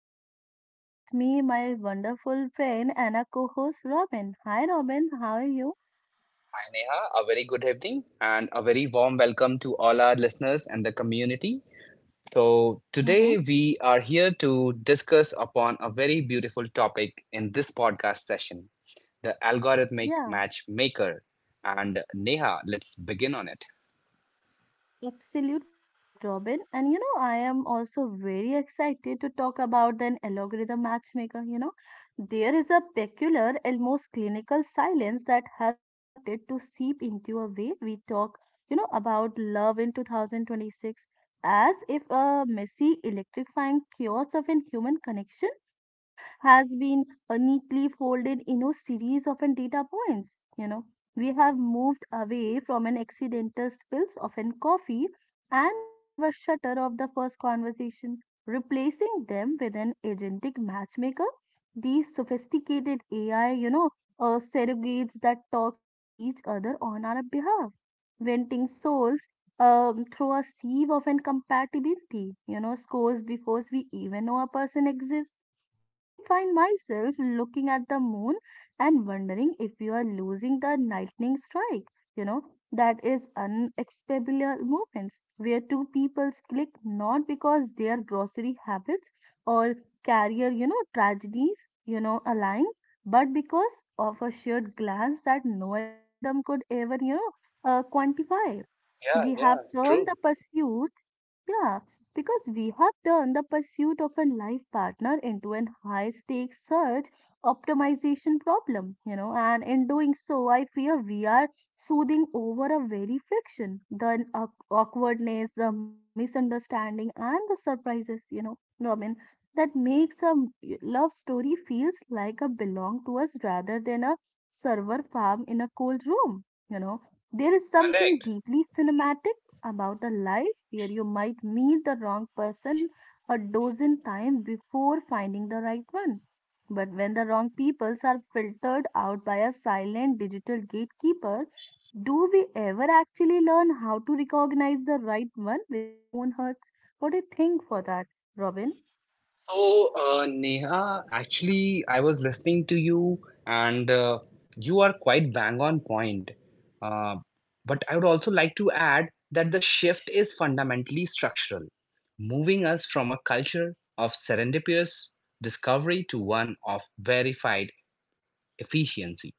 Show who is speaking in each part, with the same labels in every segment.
Speaker 1: host Neha with me, my wonderful friend and a co-host Robin. Hi Robin, how are you?
Speaker 2: Hi Neha, a very good evening and a very warm welcome to all our listeners and the community. So today
Speaker 1: Mm-hmm.
Speaker 2: we are here to discuss upon a very beautiful topic in this podcast session, the algorithmic
Speaker 1: Yeah.
Speaker 2: matchmaker. And Neha, let's begin on it.
Speaker 1: Absolutely correct, Robin. And I am also very excited to talk about an algorithm matchmaker. There is a peculiar, almost clinical silence that has started to seep into a way we talk, about love in 2026, as if a messy, electrifying chaos of an human connection, you know, has been neatly folded in a series of an data points. We have moved away from an accidental spills of an coffee and the nervous shudder of the first conversation, replacing them with an agentic matchmaker. These sophisticated AI, surrogates that talks to each other on our behalf, venting souls through a sieve of incompatibility, scores before we even know a person exists. I find myself looking at the moon and wondering if you are losing the lightning strike. You know, that is unexplainable moments where two people click not because their grocery habits or career, tragedies, aligns, but because of a shared glance that no algorithm could ever, quantify. We have turned the pursuit. Yeah, because we have turned the pursuit of a life partner into an high stakes search optimization problem, and in doing so, I fear we are soothing over a very friction, the awkwardness, the misunderstanding, and the surprises, Robin, that makes a love story feels like a belong to us rather than a server farm in a cold room, you know. There is something
Speaker 2: Correct.
Speaker 1: deeply cinematic about a life where you might meet the wrong person a dozen times before finding the right one. But when the wrong peoples are filtered out by a silent digital gatekeeper, do we ever actually learn how to recognize the right one with our own hearts? What do you think for that, Robin?
Speaker 2: So, Neha, actually, I was listening to you, and you are quite bang on point. Uh, but I would also like to add that the shift is fundamentally structural, moving us from a culture of serendipitous discovery to one of verified efficiency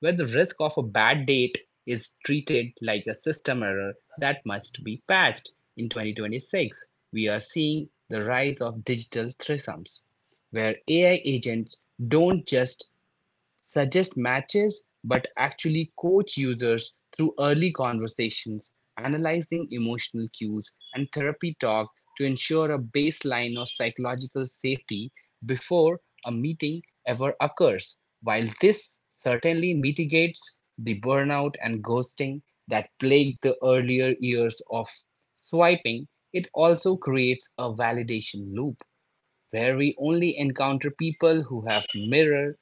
Speaker 2: where the risk of a bad date is treated like a system error that must be patched. In 2026, we are seeing the rise of digital threesomes, where AI agents don't just suggest matches, but actually coach users through early conversations, analyzing emotional cues, and therapy talk to ensure a baseline of psychological safety before a meeting ever occurs. While this certainly mitigates the burnout and ghosting that plagued the earlier years of swiping, it also creates a validation loop where we only encounter people who have mirror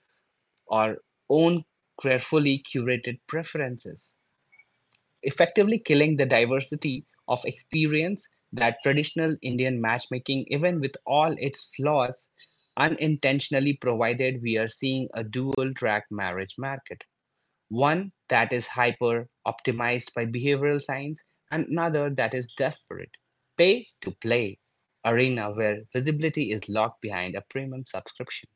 Speaker 2: our own carefully curated preferences, effectively killing the diversity of experience that traditional Indian matchmaking, even with all its flaws, unintentionally provided. We are seeing a dual track marriage market. One that is hyper optimized by behavioral science, and another that is desperate. Pay to play arena where visibility is locked behind a premium subscription.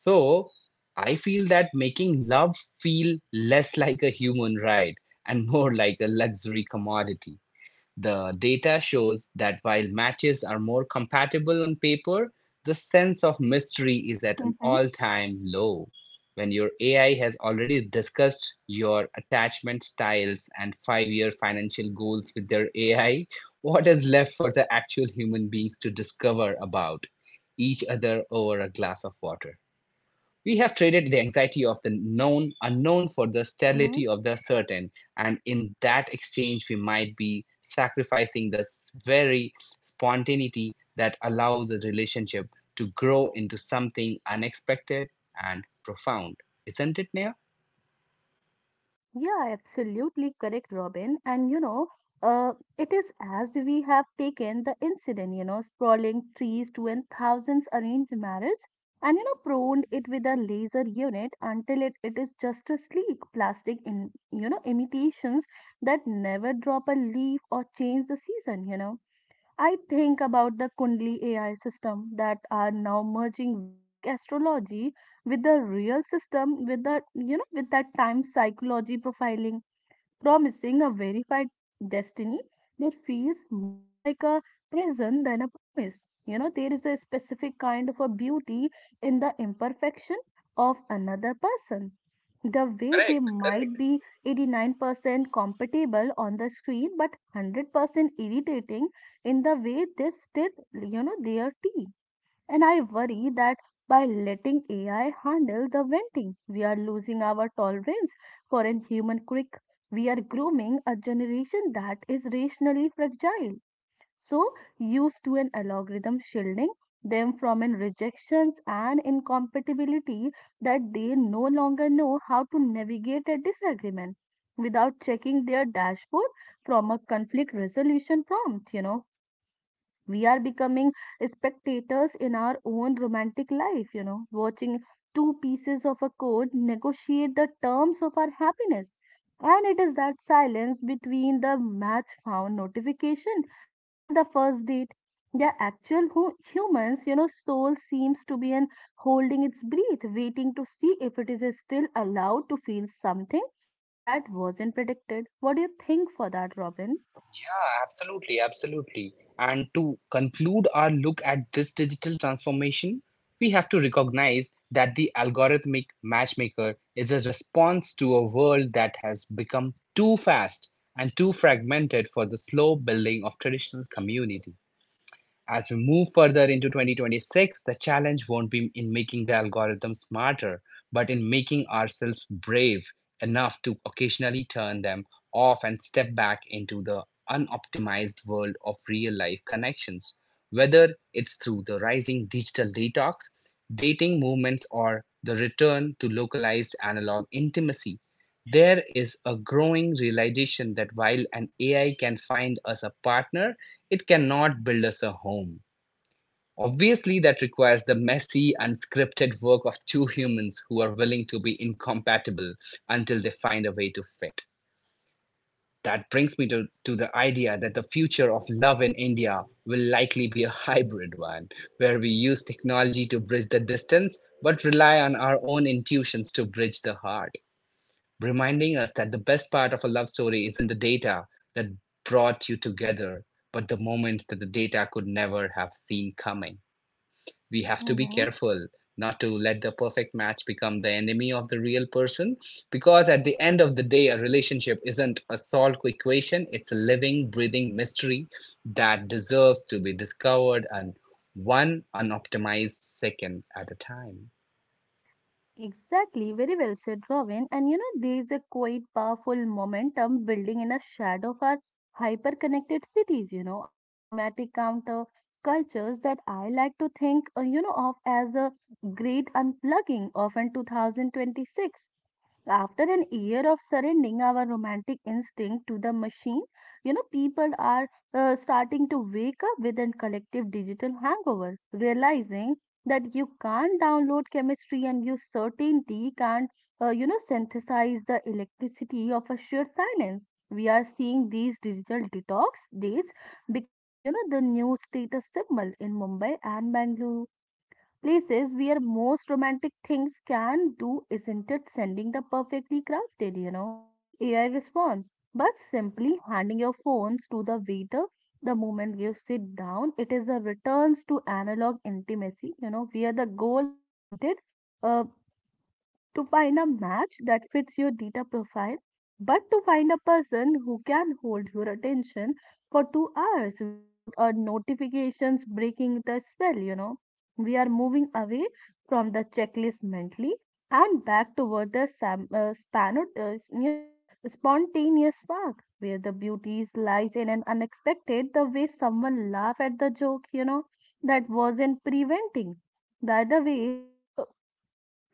Speaker 2: So I feel that making love feel less like a human right and more like a luxury commodity. The data shows that while matches are more compatible on paper, the sense of mystery is at an
Speaker 1: Mm-hmm.
Speaker 2: all time low. When your AI has already discussed your attachment styles and 5 year financial goals with their AI, what is left for the actual human beings to discover about each other over a glass of water? We have traded the anxiety of the known unknown for the
Speaker 1: Mm-hmm.
Speaker 2: sterility of the certain, and in that exchange, we might be sacrificing the very spontaneity that allows a relationship to grow into something unexpected and profound. Isn't it, Nia?
Speaker 1: Yeah, absolutely correct, Robin. And uh, it is as we have taken the incident, sprawling trees to and thousands arranged marriage, and pruned it with a laser unit until it is just a sleek plastic in imitations that never drop a leaf or change the season, I think about the Kundli AI system that are now merging Vedic astrology with the real system with the with that time psychology profiling promising a verified destiny that feels more like a prison than a promise. There is a specific kind of a beauty in the imperfection of another person. The way they
Speaker 2: Correct.
Speaker 1: might be 89% compatible on the screen, but 100% irritating in the way they stir, their tea and I worry that by letting AI handle the venting, we are losing our tolerance for an human quick. We are grooming a generation that is rationally fragile, so used to an algorithm shielding them from an rejections and incompatibility that they no longer know how to navigate a disagreement without checking their dashboard from a conflict resolution prompt. We are becoming spectators in our own romantic life, watching two pieces of a code negotiate the terms of our happiness. And it is that silence between the match found notification and the first date. The actual humans, soul seems to be an holding its breath, waiting to see if it is still allowed to feel something that wasn't predicted. What do you think for that, Robin?
Speaker 2: Yeah, absolutely, absolutely. And to conclude our look at this digital transformation, we have to recognize that the algorithmic matchmaker is a response to a world that has become too fast and too fragmented for the slow building of traditional community. As we move further into 2026, the challenge won't be in making the algorithm smarter, but in making ourselves brave enough to occasionally turn them off and step back into the unoptimized world of real life connections. Whether it's through the rising digital detox, dating movements, or the return to localized analog intimacy, there is a growing realization that while an AI can find us a partner, it cannot build us a home. Obviously, that requires the messy, unscripted work of two humans who are willing to be incompatible until they find a way to fit. That brings me to the idea that the future of love in India will likely be a hybrid one, where we use technology to bridge the distance but rely on our own intuitions to bridge the heart, reminding us that the best part of a love story isn't the data that brought you together, but the moments that the data could never have seen coming. We have to be
Speaker 1: Mm-hmm.
Speaker 2: careful not to let the perfect match become the enemy of the real person, because at the end of the day a relationship isn't a solved equation. It's a living breathing mystery that deserves to be discovered and one unoptimized second at a time.
Speaker 1: Exactly, very well said, Robin. And there is a quite powerful momentum building in a shadow of our hyper-connected cities, a cinematic counter cultures that I like to think, of as a great unplugging of in 2026 after an year of surrendering our romantic instinct to the machine, people are starting to wake up with a collective digital hangover, realizing that you can't download chemistry and you certainly can't, synthesize the electricity of a sheer silence. We are seeing these digital detox dates becoming, the new status symbol in Mumbai and Bangalore places where most romantic things can do isn't it sending the perfectly crafted, AI response, but simply handing your phones to the waiter the moment you sit down. It is a returns to analog intimacy, where the goal isn't it. uh to find a match that fits your data profile, but to find a person who can hold your attention for 2 hours without our notifications breaking the spell, We are moving away from the checklist mentally and back toward the you know, spontaneous spark where the beauty lies in an unexpected, the way someone laugh at the joke, that wasn't preventing. The other way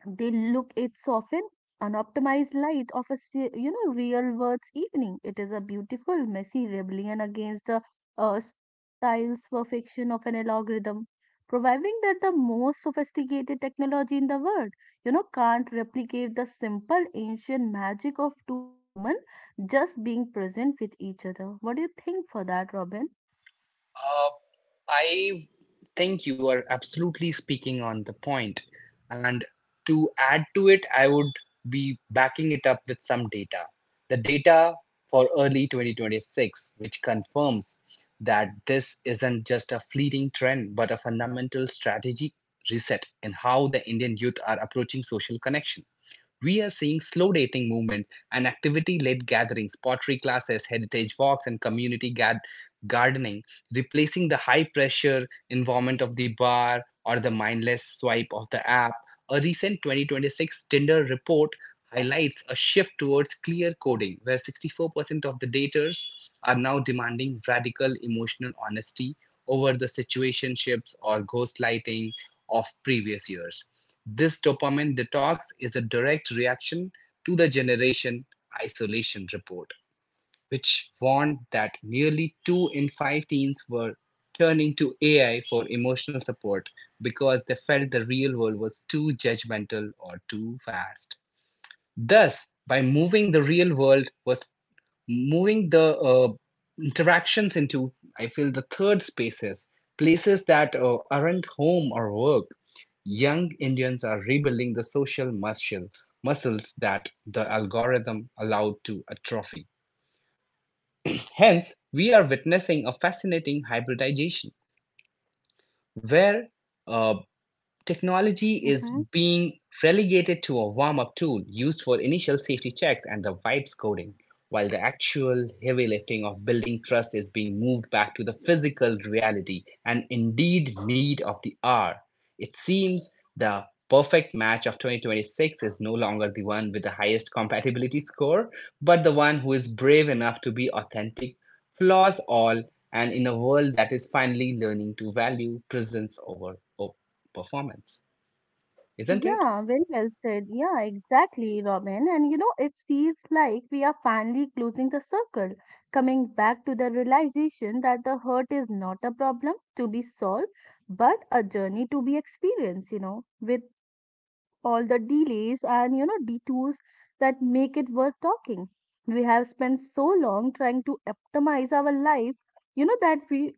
Speaker 1: they look it's often unoptimized light of a real world's evening. It is a beautiful, messy rebellion against the sterile perfection of an algorithm, providing that the most sophisticated technology in the world, can't replicate the simple ancient magic of two human just being present with each other. What do you think for that, Robin?
Speaker 2: Uh, I think you are absolutely speaking on the point. And to add to it, I would be backing it up with some data. The data for early 2026, which confirms that this isn't just a fleeting trend, but a fundamental strategic reset in how the Indian youth are approaching social connection. We are seeing slow dating movements and activity led gatherings, pottery classes, heritage walks, and community gardening, replacing the high pressure environment of the bar or the mindless swipe of the app. A recent 2026 Tinder report highlights a shift towards clear coding, where 64% of the daters are now demanding radical emotional honesty over the situationships or ghost lighting of previous years. This dopamine detox is a direct reaction to the Generation Isolation report, which warned that nearly two in five teens were turning to AI for emotional support because they felt the real world was too judgmental or too fast. Thus, by moving the real world was moving the interactions into, I feel, the third spaces, places that aren't home or work. Young Indians are rebuilding the muscles that the algorithm allowed to atrophy. Hence, we are witnessing a fascinating hybridization where uh, technology is
Speaker 1: Mm-hmm.
Speaker 2: being relegated to a warm up tool used for initial safety checks and the vibe coding, while the actual heavy lifting of building trust is being moved back to the physical reality and indeed need of the hour. It seems the perfect match of 2026 is no longer the one with the highest compatibility score, but the one who is brave enough to be authentic, flaws all, and in a world that is finally learning to value presence over performance, isn't it?
Speaker 1: Yeah, very well said. Yeah, exactly, Robin. And it feels like we are finally closing the circle, coming back to the realization that the hurt is not a problem to be solved, but a journey to be experienced, with all the delays and detours that make it worth talking. We have spent so long trying to optimize our lives, that we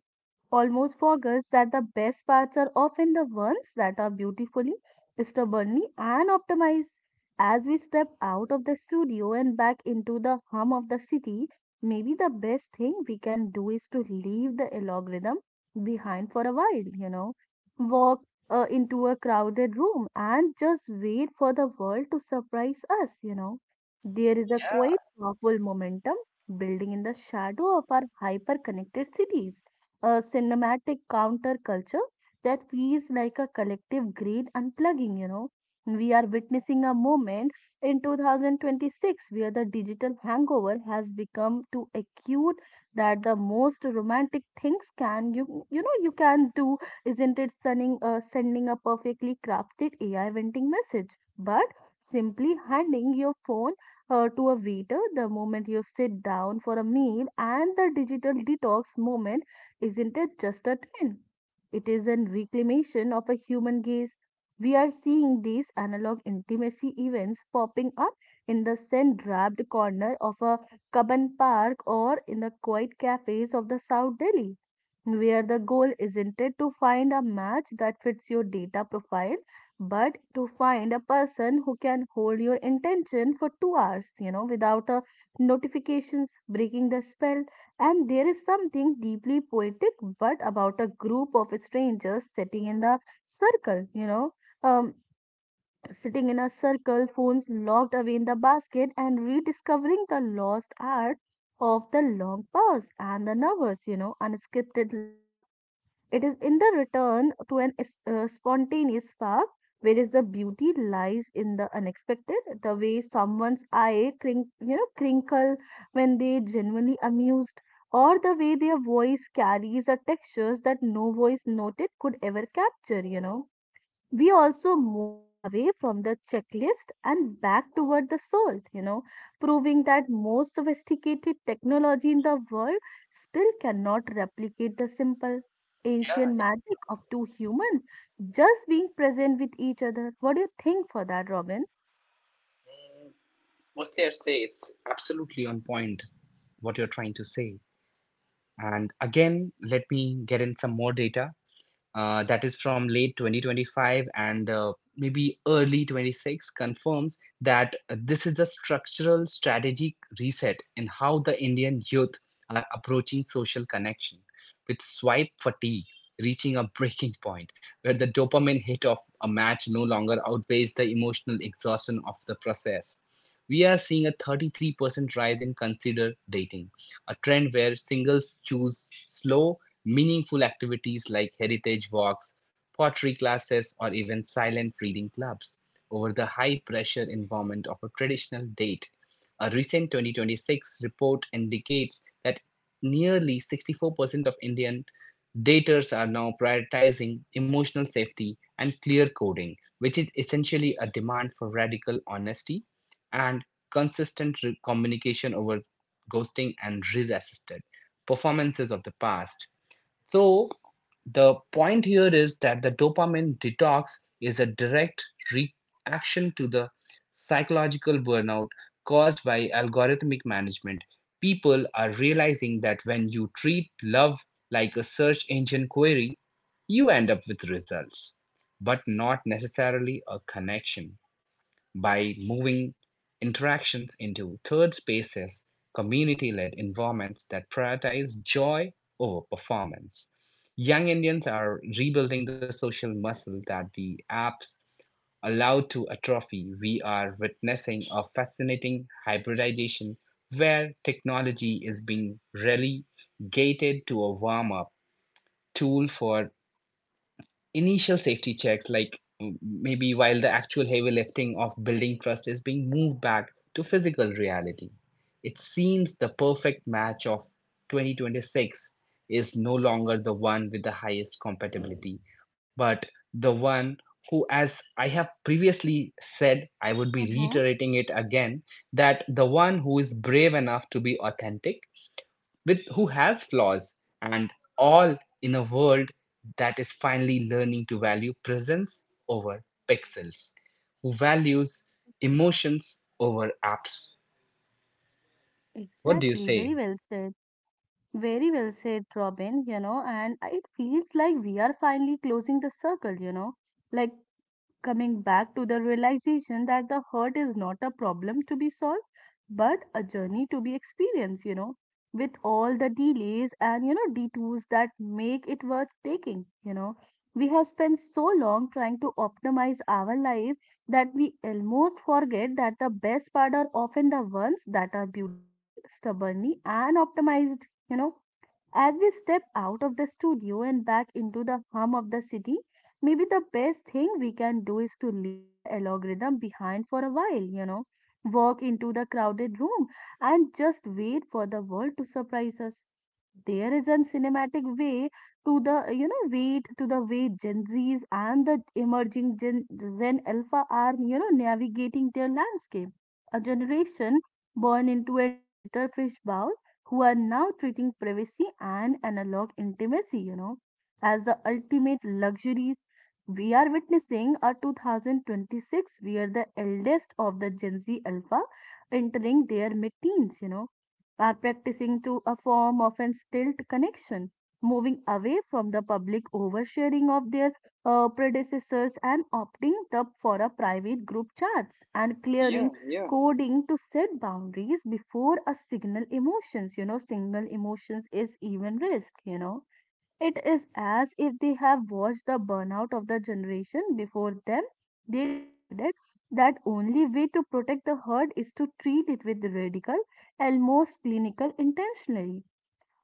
Speaker 1: almost forgets that the best parts are often the ones that are beautifully, stubbornly, and optimized. As we step out of the studio and back into the hum of the city, maybe the best thing we can do is to leave the algorithm behind for a while, walk into a crowded room and just wait for the world to surprise us. There is a quite powerful momentum building in the shadow of our hyper connected cities a cinematic counterculture that feels like a collective greed unplugging, We are witnessing a moment in 2026 where the digital hangover has become too acute that the most romantic things can you can do isn't it sending sending a perfectly crafted AI venting message, but simply handing your phone to a waiter the moment you sit down for a meal and the digital detox moment isn't it just a trend? It is a reclamation of a human gaze. We are seeing these analog intimacy events popping up in the sand draped corner of a cabin park or in the quiet cafes of the South Delhi, where the goal isn't it to find a match that fits your data profile, but to find a person who can hold your intention for 2 hours, without a notifications breaking the spell. And there is something deeply poetic, but about a group of strangers sitting in the circle, um, sitting in a circle, phones locked away in the basket, and rediscovering the lost art of the long pause and the nervous, unscripted laugh it is in the return to an spontaneous spark, whereas the beauty lies in the unexpected, the way someone's eye crinkle when they genuinely amused, or the way their voice carries a textures that no voice noted could ever capture, we also move away from the checklist and back toward the soul, proving that most sophisticated technology in the world still cannot replicate the simple ancient
Speaker 2: Yeah,
Speaker 1: magic of two humans just being present with each other. What do you think for that, Robin?
Speaker 2: yeah. Mostly, I'd say it's absolutely on point what you're trying to say. And again, let me get in some more data that is from late 2025 and maybe early 26 confirms that this is a structural strategic reset in how the indian youth are approaching social connection, with swipe fatigue reaching a breaking point where the dopamine hit of a match no longer outweighs the emotional exhaustion of the process. We are seeing a 33% rise in consider dating, a trend where singles choose slow, meaningful activities like heritage walks, pottery classes, or even silent reading clubs over the high pressure environment of a traditional date. A recent 2026 report indicates that nearly 64% of Indian daters are now prioritizing emotional safety and clear coding, which is essentially a demand for radical honesty and consistent communication over ghosting and resisted performances of the past. So, the point here is that the dopamine detox is a direct reaction to the psychological burnout caused by algorithmic management. People are realizing that when you treat love like a search engine query, you end up with results, but not necessarily a connection. By moving interactions into third spaces, community led environments that prioritize joy over performance. Young Indians are rebuilding the social muscle that the apps allowed to atrophy. We are witnessing a fascinating hybridization where technology is being relegated to a warm up tool for initial safety checks, like maybe, while the actual heavy lifting of building trust is being moved back to physical reality. It seems the perfect match of 2026 is no longer the one with the highest compatibility, but the one who, as I have previously said, I would be
Speaker 1: Mm-hmm.
Speaker 2: reiterating it again, that the one who is brave enough to be authentic with who has flaws and all, in a world that is finally learning to value presence over pixels, who values emotions over apps. What do you
Speaker 1: Exactly, very
Speaker 2: say?
Speaker 1: well said. Very well said, Robin, and it feels like we are finally closing the circle, Like coming back to the realization that the hurt is not a problem to be solved but a journey to be experienced with all the delays and detours that make it worth taking we have spent so long trying to optimize our life that we almost forget that the best part are often the ones that are beautifully stubbornly and optimized as we step out of the studio and back into the hum of the city, maybe the best thing we can do is to leave the algorithm behind for a while, walk into the crowded room and just wait for the world to surprise us. There is a cinematic way to the, wait to the way Gen Zs and the emerging Gen Alpha are, navigating their landscape. A generation born into a digital fishbowl who are now treating privacy and analog intimacy, as the ultimate luxuries. We are witnessing a 2026 where the eldest of the Gen Z Alpha entering their mid-teens, are practicing to a form of instilled connection, moving away from the public oversharing of their predecessors and opting the, for a private group chats and clearing coding to set boundaries before a signal emotions signal emotions is even risk. It is as if they have watched the burnout of the generation before them. They decided that only way to protect the herd is to treat it with radical, almost clinical intentionally.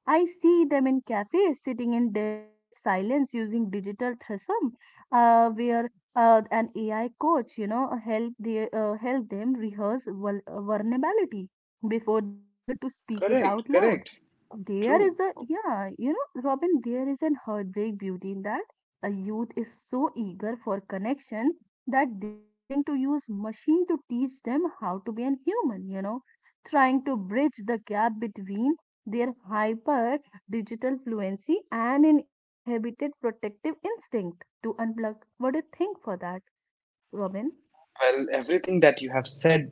Speaker 1: I see them in cafes sitting in deliberate silence using digital threesome, where an AI coach, help they help them rehearse vulnerability before they dare to speak it out loud. There is a yeah, you know, Robin, there is an heartbreak beauty in that. A youth is so eager for connection that they are willing to use machine to teach them how to be an human, trying to bridge the gap between their hyper digital fluency and an inhibited protective instinct to unplug. What do you think for that, Robin?
Speaker 2: Well, everything that you have said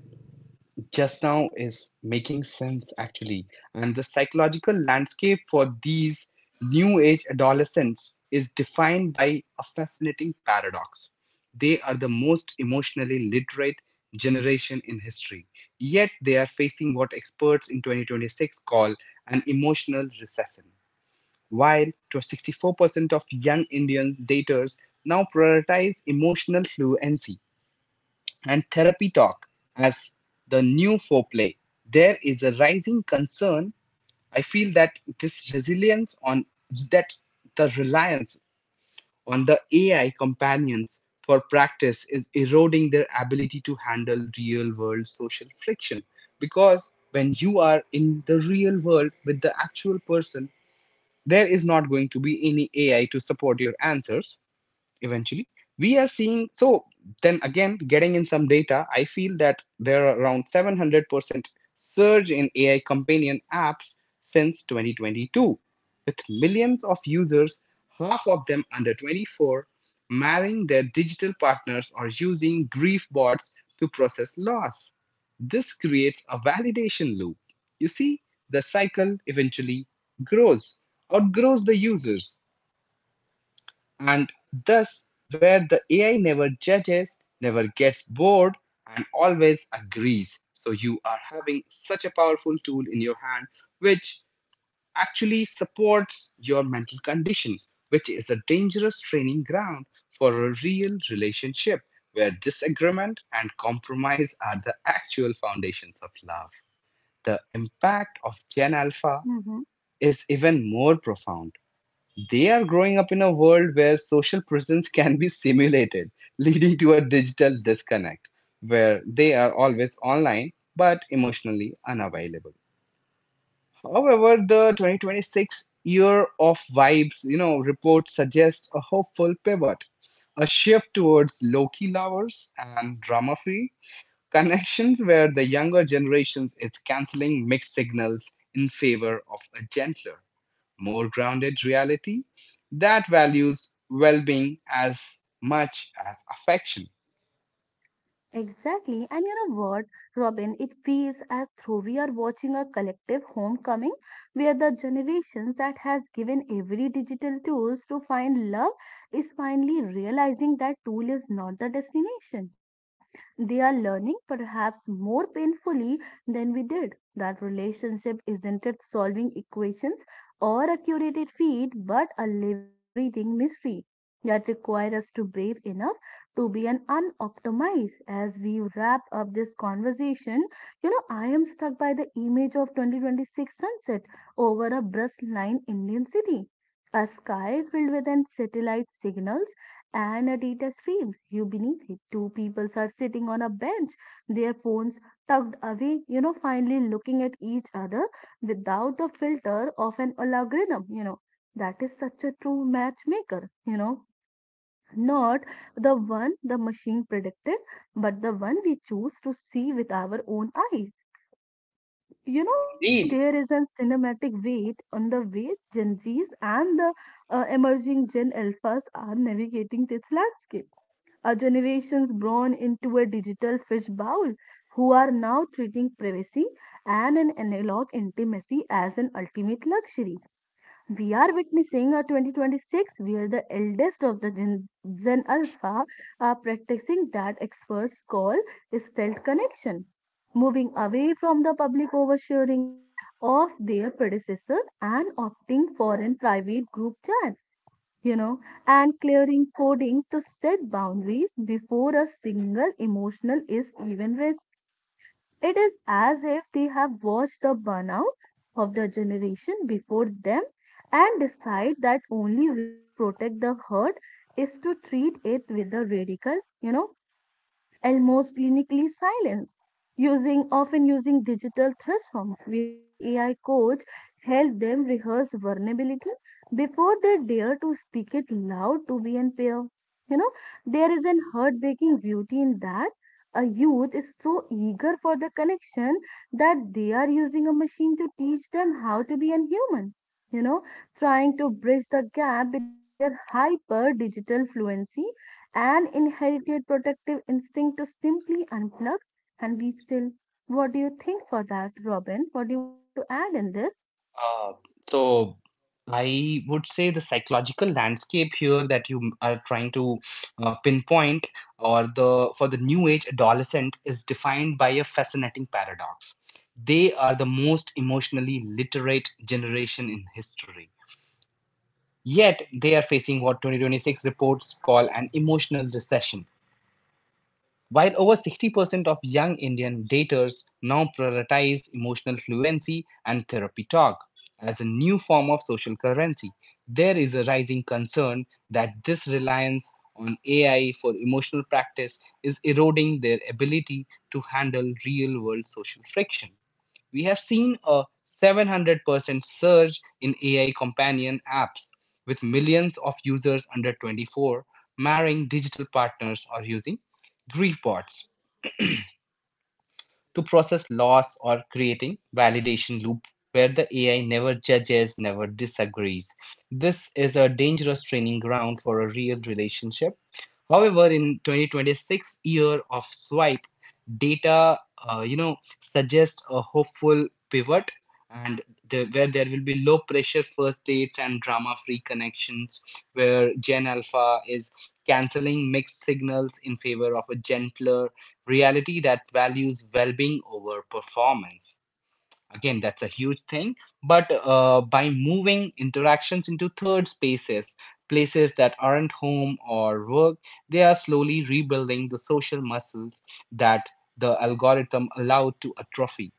Speaker 2: just now is making sense actually, and the psychological landscape for these new age adolescents is defined by a fascinating paradox. They are the most emotionally literate generation in history, yet they are facing what experts in 2026 call an emotional recession, while to 64% of young indian daters now prioritize emotional fluency and therapy talk as the new foreplay. There is a rising concern. I feel that this resilience on that the reliance on the AI companions for practice is eroding their ability to handle real world social friction. Because when you are in the real world with the actual person, there is not going to be any AI to support your answers eventually. We are seeing, so then again getting in some data, I feel that there are around 700% surge in AI companion apps since 2022, with millions of users, half of them under 24, marrying their digital partners or using grief bots to process loss. This creates a validation loop, you see, the cycle eventually grows outgrows the users, and thus, where the AI never judges, never gets bored, and always agrees. So, you are having such a powerful tool in your hand which actually supports your mental condition, which is a dangerous training ground for a real relationship where disagreement and compromise are the actual foundations of love. The impact of Gen Alpha is even more profound. They are growing up in a world where social presence can be simulated, leading to a digital disconnect, where they are always online but emotionally unavailable. However, the 2026 year of vibes report suggests a hopeful pivot, a shift towards low-key lovers and drama-free connections where the younger generations is canceling mixed signals in favor of a gentler, more grounded reality that values well being as much as affection.
Speaker 1: Exactly. And you know what, Robin, it feels as though we are watching a collective homecoming where the generations that has given every digital tools to find love is finally realizing that tool is not the destination, They are learning perhaps more painfully than we did that relationship isn't it solving equations or a curated feed, but a living, breathing mystery that requires us to brave enough to be an unoptimized. As we wrap up this conversation, I am struck by the image of 2026 sunset over a bustling Indian city. A sky filled with an satellite signals and a data streams. You beneath it. Two people are sitting on a bench, their phones tucked away, finally looking at each other without the filter of an algorithm, That is such a true matchmaker, not the one the machine predicted, but the one we choose to see with our own eyes. You know, Robin,
Speaker 2: Indeed.
Speaker 1: there is a cinematic weight on the way Gen Zs and the emerging Gen Alphas are navigating this landscape. Our generations born into a digital fishbowl who are now treating privacy and an analog intimacy as an ultimate luxury. We are witnessing a 2026 where the eldest of the Gen Alpha are practicing that experts call stealth connection, moving away from the public oversharing of their predecessors and opting for in private group chats, you know, and clearing coding to set boundaries before a single emotional is even raised. It is as if they have watched the burnout of the generation before them and decide that only way to protect the herd is to treat it with a radical, almost clinically silenced, using often using digital platform where an AI coach helped them rehearse vulnerability before they dare to speak it loud to be an peer. You know, there is an heartbreaking beauty in that. A youth is so eager for the connection that they are using a machine to teach them how to be a human. You know, trying to bridge the gap between their hyper digital fluency an inherited protective instinct to simply unplug and be still. What do you think for that, Robin? What do you want to add in this?
Speaker 2: Uh, so I would say the psychological landscape here that you are trying to pinpoint, or the for the new age adolescent, is defined by a fascinating paradox. They are the most emotionally literate generation in history. Yet they are facing what 2026 reports call an emotional recession. While over 60% of young Indian daters now prioritize emotional fluency and therapy talk as a new form of social currency, there is a rising concern that this reliance on AI for emotional practice is eroding their ability to handle real world social friction. We have seen a 700% surge in AI companion apps, with millions of users under 24 marrying digital partners or using grief bots to process loss or creating validation loop where the AI never judges, never disagrees. This is a dangerous training ground for a real relationship. However, in 2026 year of swipe, data suggests a hopeful pivot and where there will be low pressure first dates and drama free connections where Gen Alpha is canceling mixed signals in favor of a gentler reality that values well-being over performance. Again, that's a huge thing. But by moving interactions into third spaces, places that aren't home or work, they are slowly rebuilding the social muscles that the algorithm allowed to atrophy,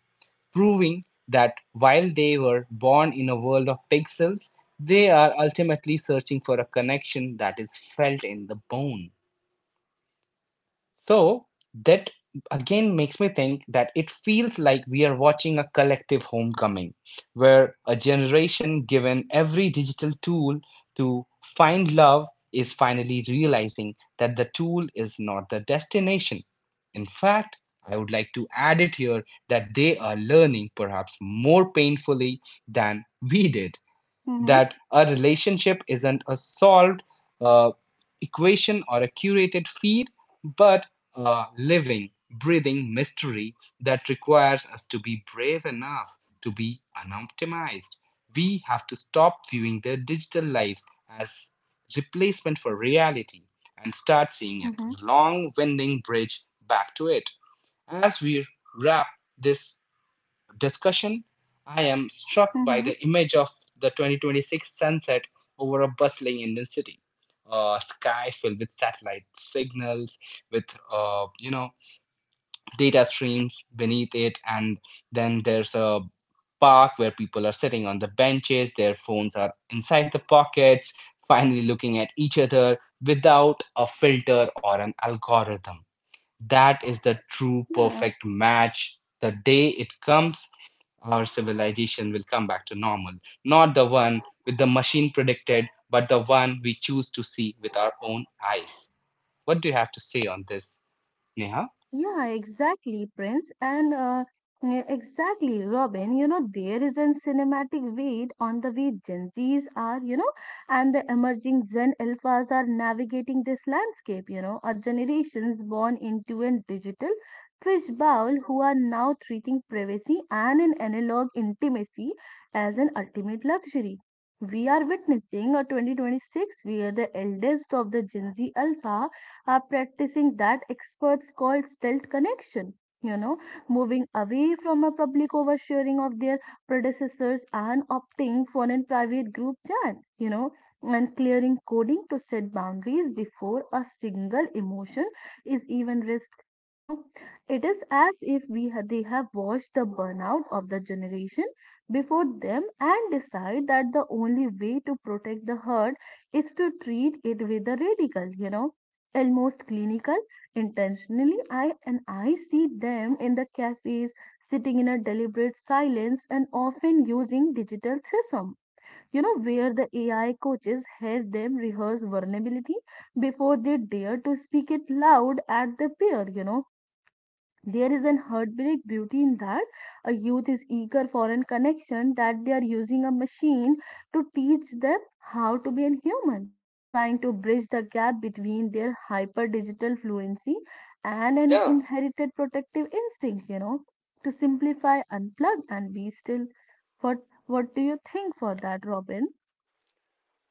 Speaker 2: proving that while they were born in a world of pixels, they are ultimately searching for a connection that is felt in the bone. So that again makes me think that it feels like we are watching a collective homecoming, where a generation given every digital tool to find love is finally realizing that the tool is not the destination. In fact, I would like to add it here that they are learning perhaps more painfully than we did
Speaker 1: Mm-hmm.
Speaker 2: that a relationship isn't a solved uh, equation or a curated feed, but a living, breathing mystery that requires us to be brave enough to be unoptimized. We have to stop viewing their digital lives as replacement for reality and start seeing it
Speaker 1: Mm-hmm.
Speaker 2: as a long winding bridge back to it. As we wrap this discussion, I am struck by
Speaker 1: Mm-hmm.
Speaker 2: the image of the 2026 sunset over a bustling Indian city. A sky filled with satellite signals, with uh, you know data streams beneath it, and then there's a park where people are sitting on the benches, their phones are inside the pockets, finally looking at each other without a filter or an algorithm. That is the true
Speaker 1: Yeah.
Speaker 2: perfect match. The day it comes, our civilization will come back to normal. Not the one with the machine predicted, but the one we choose to see with our own eyes. What do you have to say on this, Neha?
Speaker 1: Yeah, exactly, Prince. And yeah, exactly, Robin. You know, there is a cinematic weight on the way Gen Zs are, and the emerging Gen Alphas are navigating this landscape, are generations born into a digital fishbowl who are now treating privacy and an analog intimacy as an ultimate luxury. We are witnessing a 2026 where the eldest of the Gen Z Alpha are practicing that experts call stealth connection, you know, moving away from a public oversharing of their predecessors and opting for a private group chat, and clearing coding to set boundaries before a single emotion is even risked. It is as if they have watched the burnout of the generation before them and decide that the only way to protect the herd is to treat it with a radical, almost clinical intentionally. I see them in the cafes sitting in a deliberate silence and often using digital threesome, where the AI coaches help them rehearse vulnerability before they dare to speak it loud at the peer. There is an heartbreak beauty in that. A youth is eager for a connection that they are using a machine to teach them how to be a human, trying to bridge the gap between their hyper digital fluency and an
Speaker 2: Yeah,
Speaker 1: inherited protective instinct, to simplify, unplug, and be still. What what do you think for that, Robin,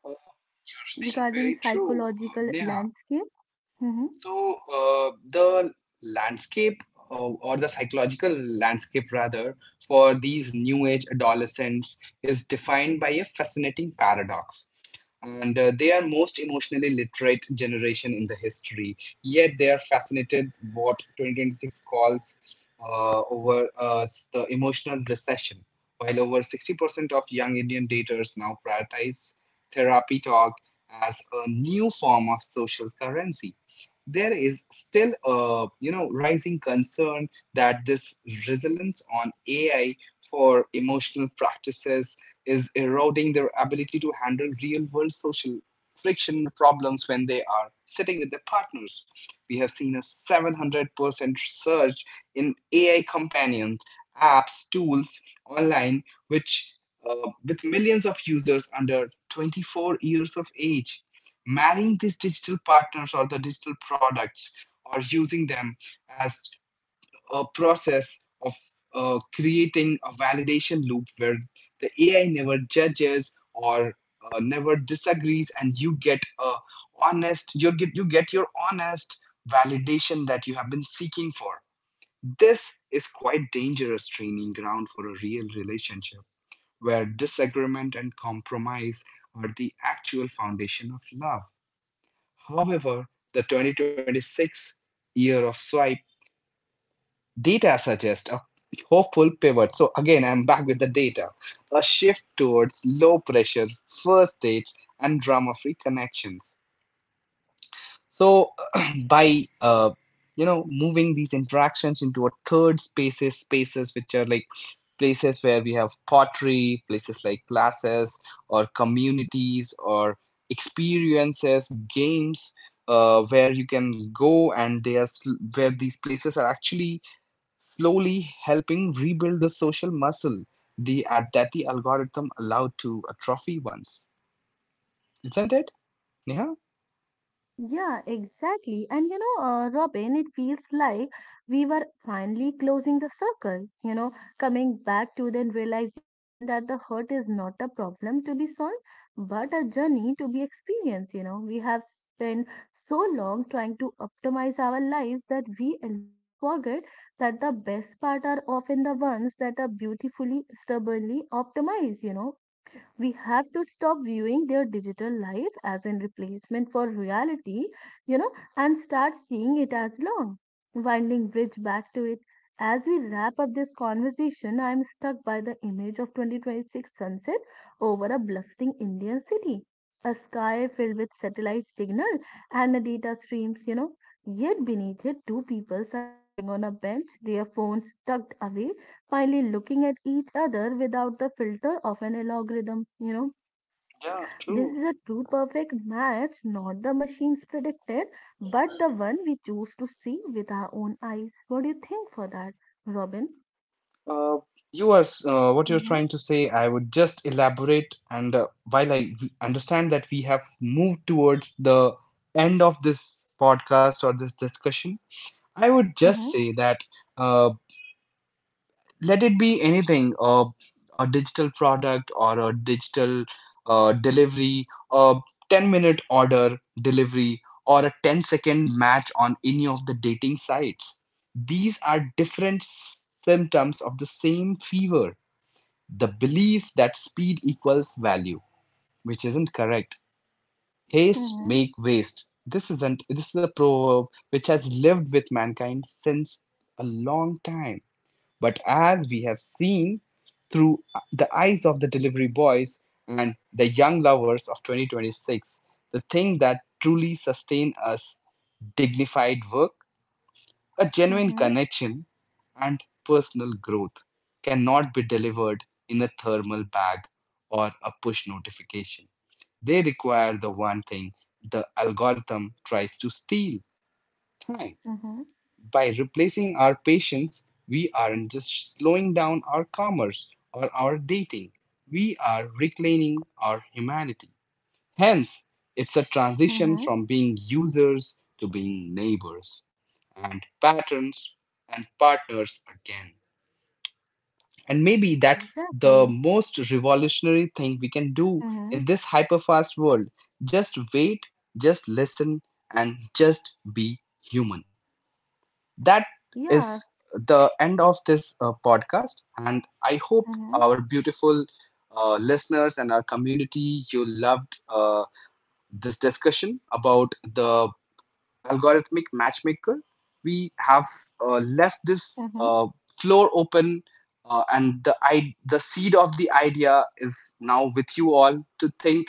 Speaker 2: uh, you're saying
Speaker 1: regarding
Speaker 2: very true,
Speaker 1: psychological
Speaker 2: Neha.
Speaker 1: landscape? Hmm.
Speaker 2: So the landscape, or the psychological landscape rather, for these new age adolescents is defined by a fascinating paradox. And they are most emotionally literate generation in the history, yet they are fascinated what 2026 calls, over the emotional recession, while over 60% of young Indian daters now prioritize therapy talk as a new form of social currency. There is still a, rising concern that this resilience on AI for emotional practices is eroding their ability to handle real world social friction problems when they are sitting with their partners. We have seen a 700% surge in AI companions, apps, tools online, which with millions of users under 24 years of age marrying these digital partners or the digital products or using them as process of creating a validation loop where the AI never judges or never disagrees, and you get a honest, you get your honest validation that you have been seeking for. This is quite dangerous training ground for a real relationship where disagreement and compromise are the actual foundation of love. However, the 2026 year of swipe Data suggests a hopeful pivot. So again, I'm back with the data. A shift towards low pressure first dates and drama-free connections. So by moving these interactions into a third spaces, spaces which are like places where we have pottery places like classes or communities or experiences games, where you can go and they are, where these places are actually slowly helping rebuild the social muscle the Adati algorithm allowed to atrophy once. Isn't it, Neha?
Speaker 1: Yeah, exactly. And Robin, it feels like we were finally closing the circle, coming back to the realization that the hurt is not a problem to be solved, but a journey to be experienced. You know, we have spent so long trying to optimize our lives that we almost forget that the best part are often the ones that are beautifully, stubbornly optimized, we have to stop viewing their digital life as a replacement for reality, and start seeing it as long, winding bridge back to it. As we wrap up this conversation, I am stuck by the image of 2026 sunset over a bustling Indian city, a sky filled with satellite signal and the data streams, Yet beneath it, two peoples are sitting on a bench, their phones tucked away finally looking at each other without the filter of an algorithm.
Speaker 2: Yeah,
Speaker 1: This
Speaker 2: true.
Speaker 1: is a true perfect match, not the machines predicted, but the one we choose to see with our own eyes. What do you think for that, Robin?
Speaker 2: Uh, what you're
Speaker 1: Mm-hmm,
Speaker 2: trying to say, I would just elaborate, and while I understand that we have moved towards the end of this podcast or this discussion, I would just
Speaker 1: mm-hmm,
Speaker 2: say that. Uh, Let it be anything, a digital product or a digital delivery, a 10-minute order delivery or a ten-second match on any of the dating sites, these are different symptoms of the same fever, the belief that speed equals value, which isn't correct. Haste
Speaker 1: mm-hmm,
Speaker 2: make waste, this isn't this is a proverb which has lived with mankind since a long time. But as we have seen through the eyes of the delivery boys and the young lovers of 2026, the thing that truly sustains us, dignified work, a genuine
Speaker 1: mm-hmm,
Speaker 2: connection, and personal growth cannot be delivered in a thermal bag or a push notification. They require the one thing the algorithm tries to steal: time.
Speaker 1: mm-hmm,
Speaker 2: By replacing our patience, we aren't just slowing down our commerce or our dating, we are reclaiming our humanity. Hence, it's a transition
Speaker 1: mm-hmm.
Speaker 2: from being users to being neighbors and patterns and partners again. And maybe that's the
Speaker 1: Exactly.
Speaker 2: most revolutionary thing we can do
Speaker 1: Mm-hmm.
Speaker 2: in this hyperfast world. Just wait, just listen, and just be human. That is
Speaker 1: Yeah.
Speaker 2: the end of this podcast. And I hope
Speaker 1: Mm-hmm,
Speaker 2: our beautiful listeners and our community, you loved this discussion about the algorithmic matchmaker. We have left this
Speaker 1: mm-hmm,
Speaker 2: floor open. And the seed of the idea is now with you all to think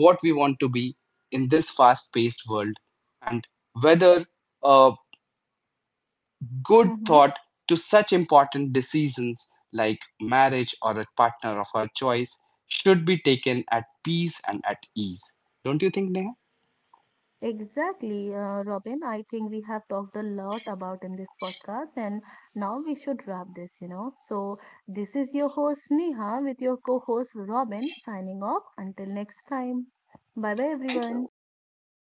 Speaker 2: what we want to be in this fast paced world, and whether uh, good
Speaker 1: mm-hmm.
Speaker 2: thought to such important decisions like marriage or a partner of our choice should be taken at peace and at ease. Don't you think, Neha?
Speaker 1: Exactly, Robin. I think we have talked a lot about in this podcast, and now we should wrap this, So, this is your host Neha with your co host Robin signing off. Until next time. Bye bye, everyone.
Speaker 2: Thank you.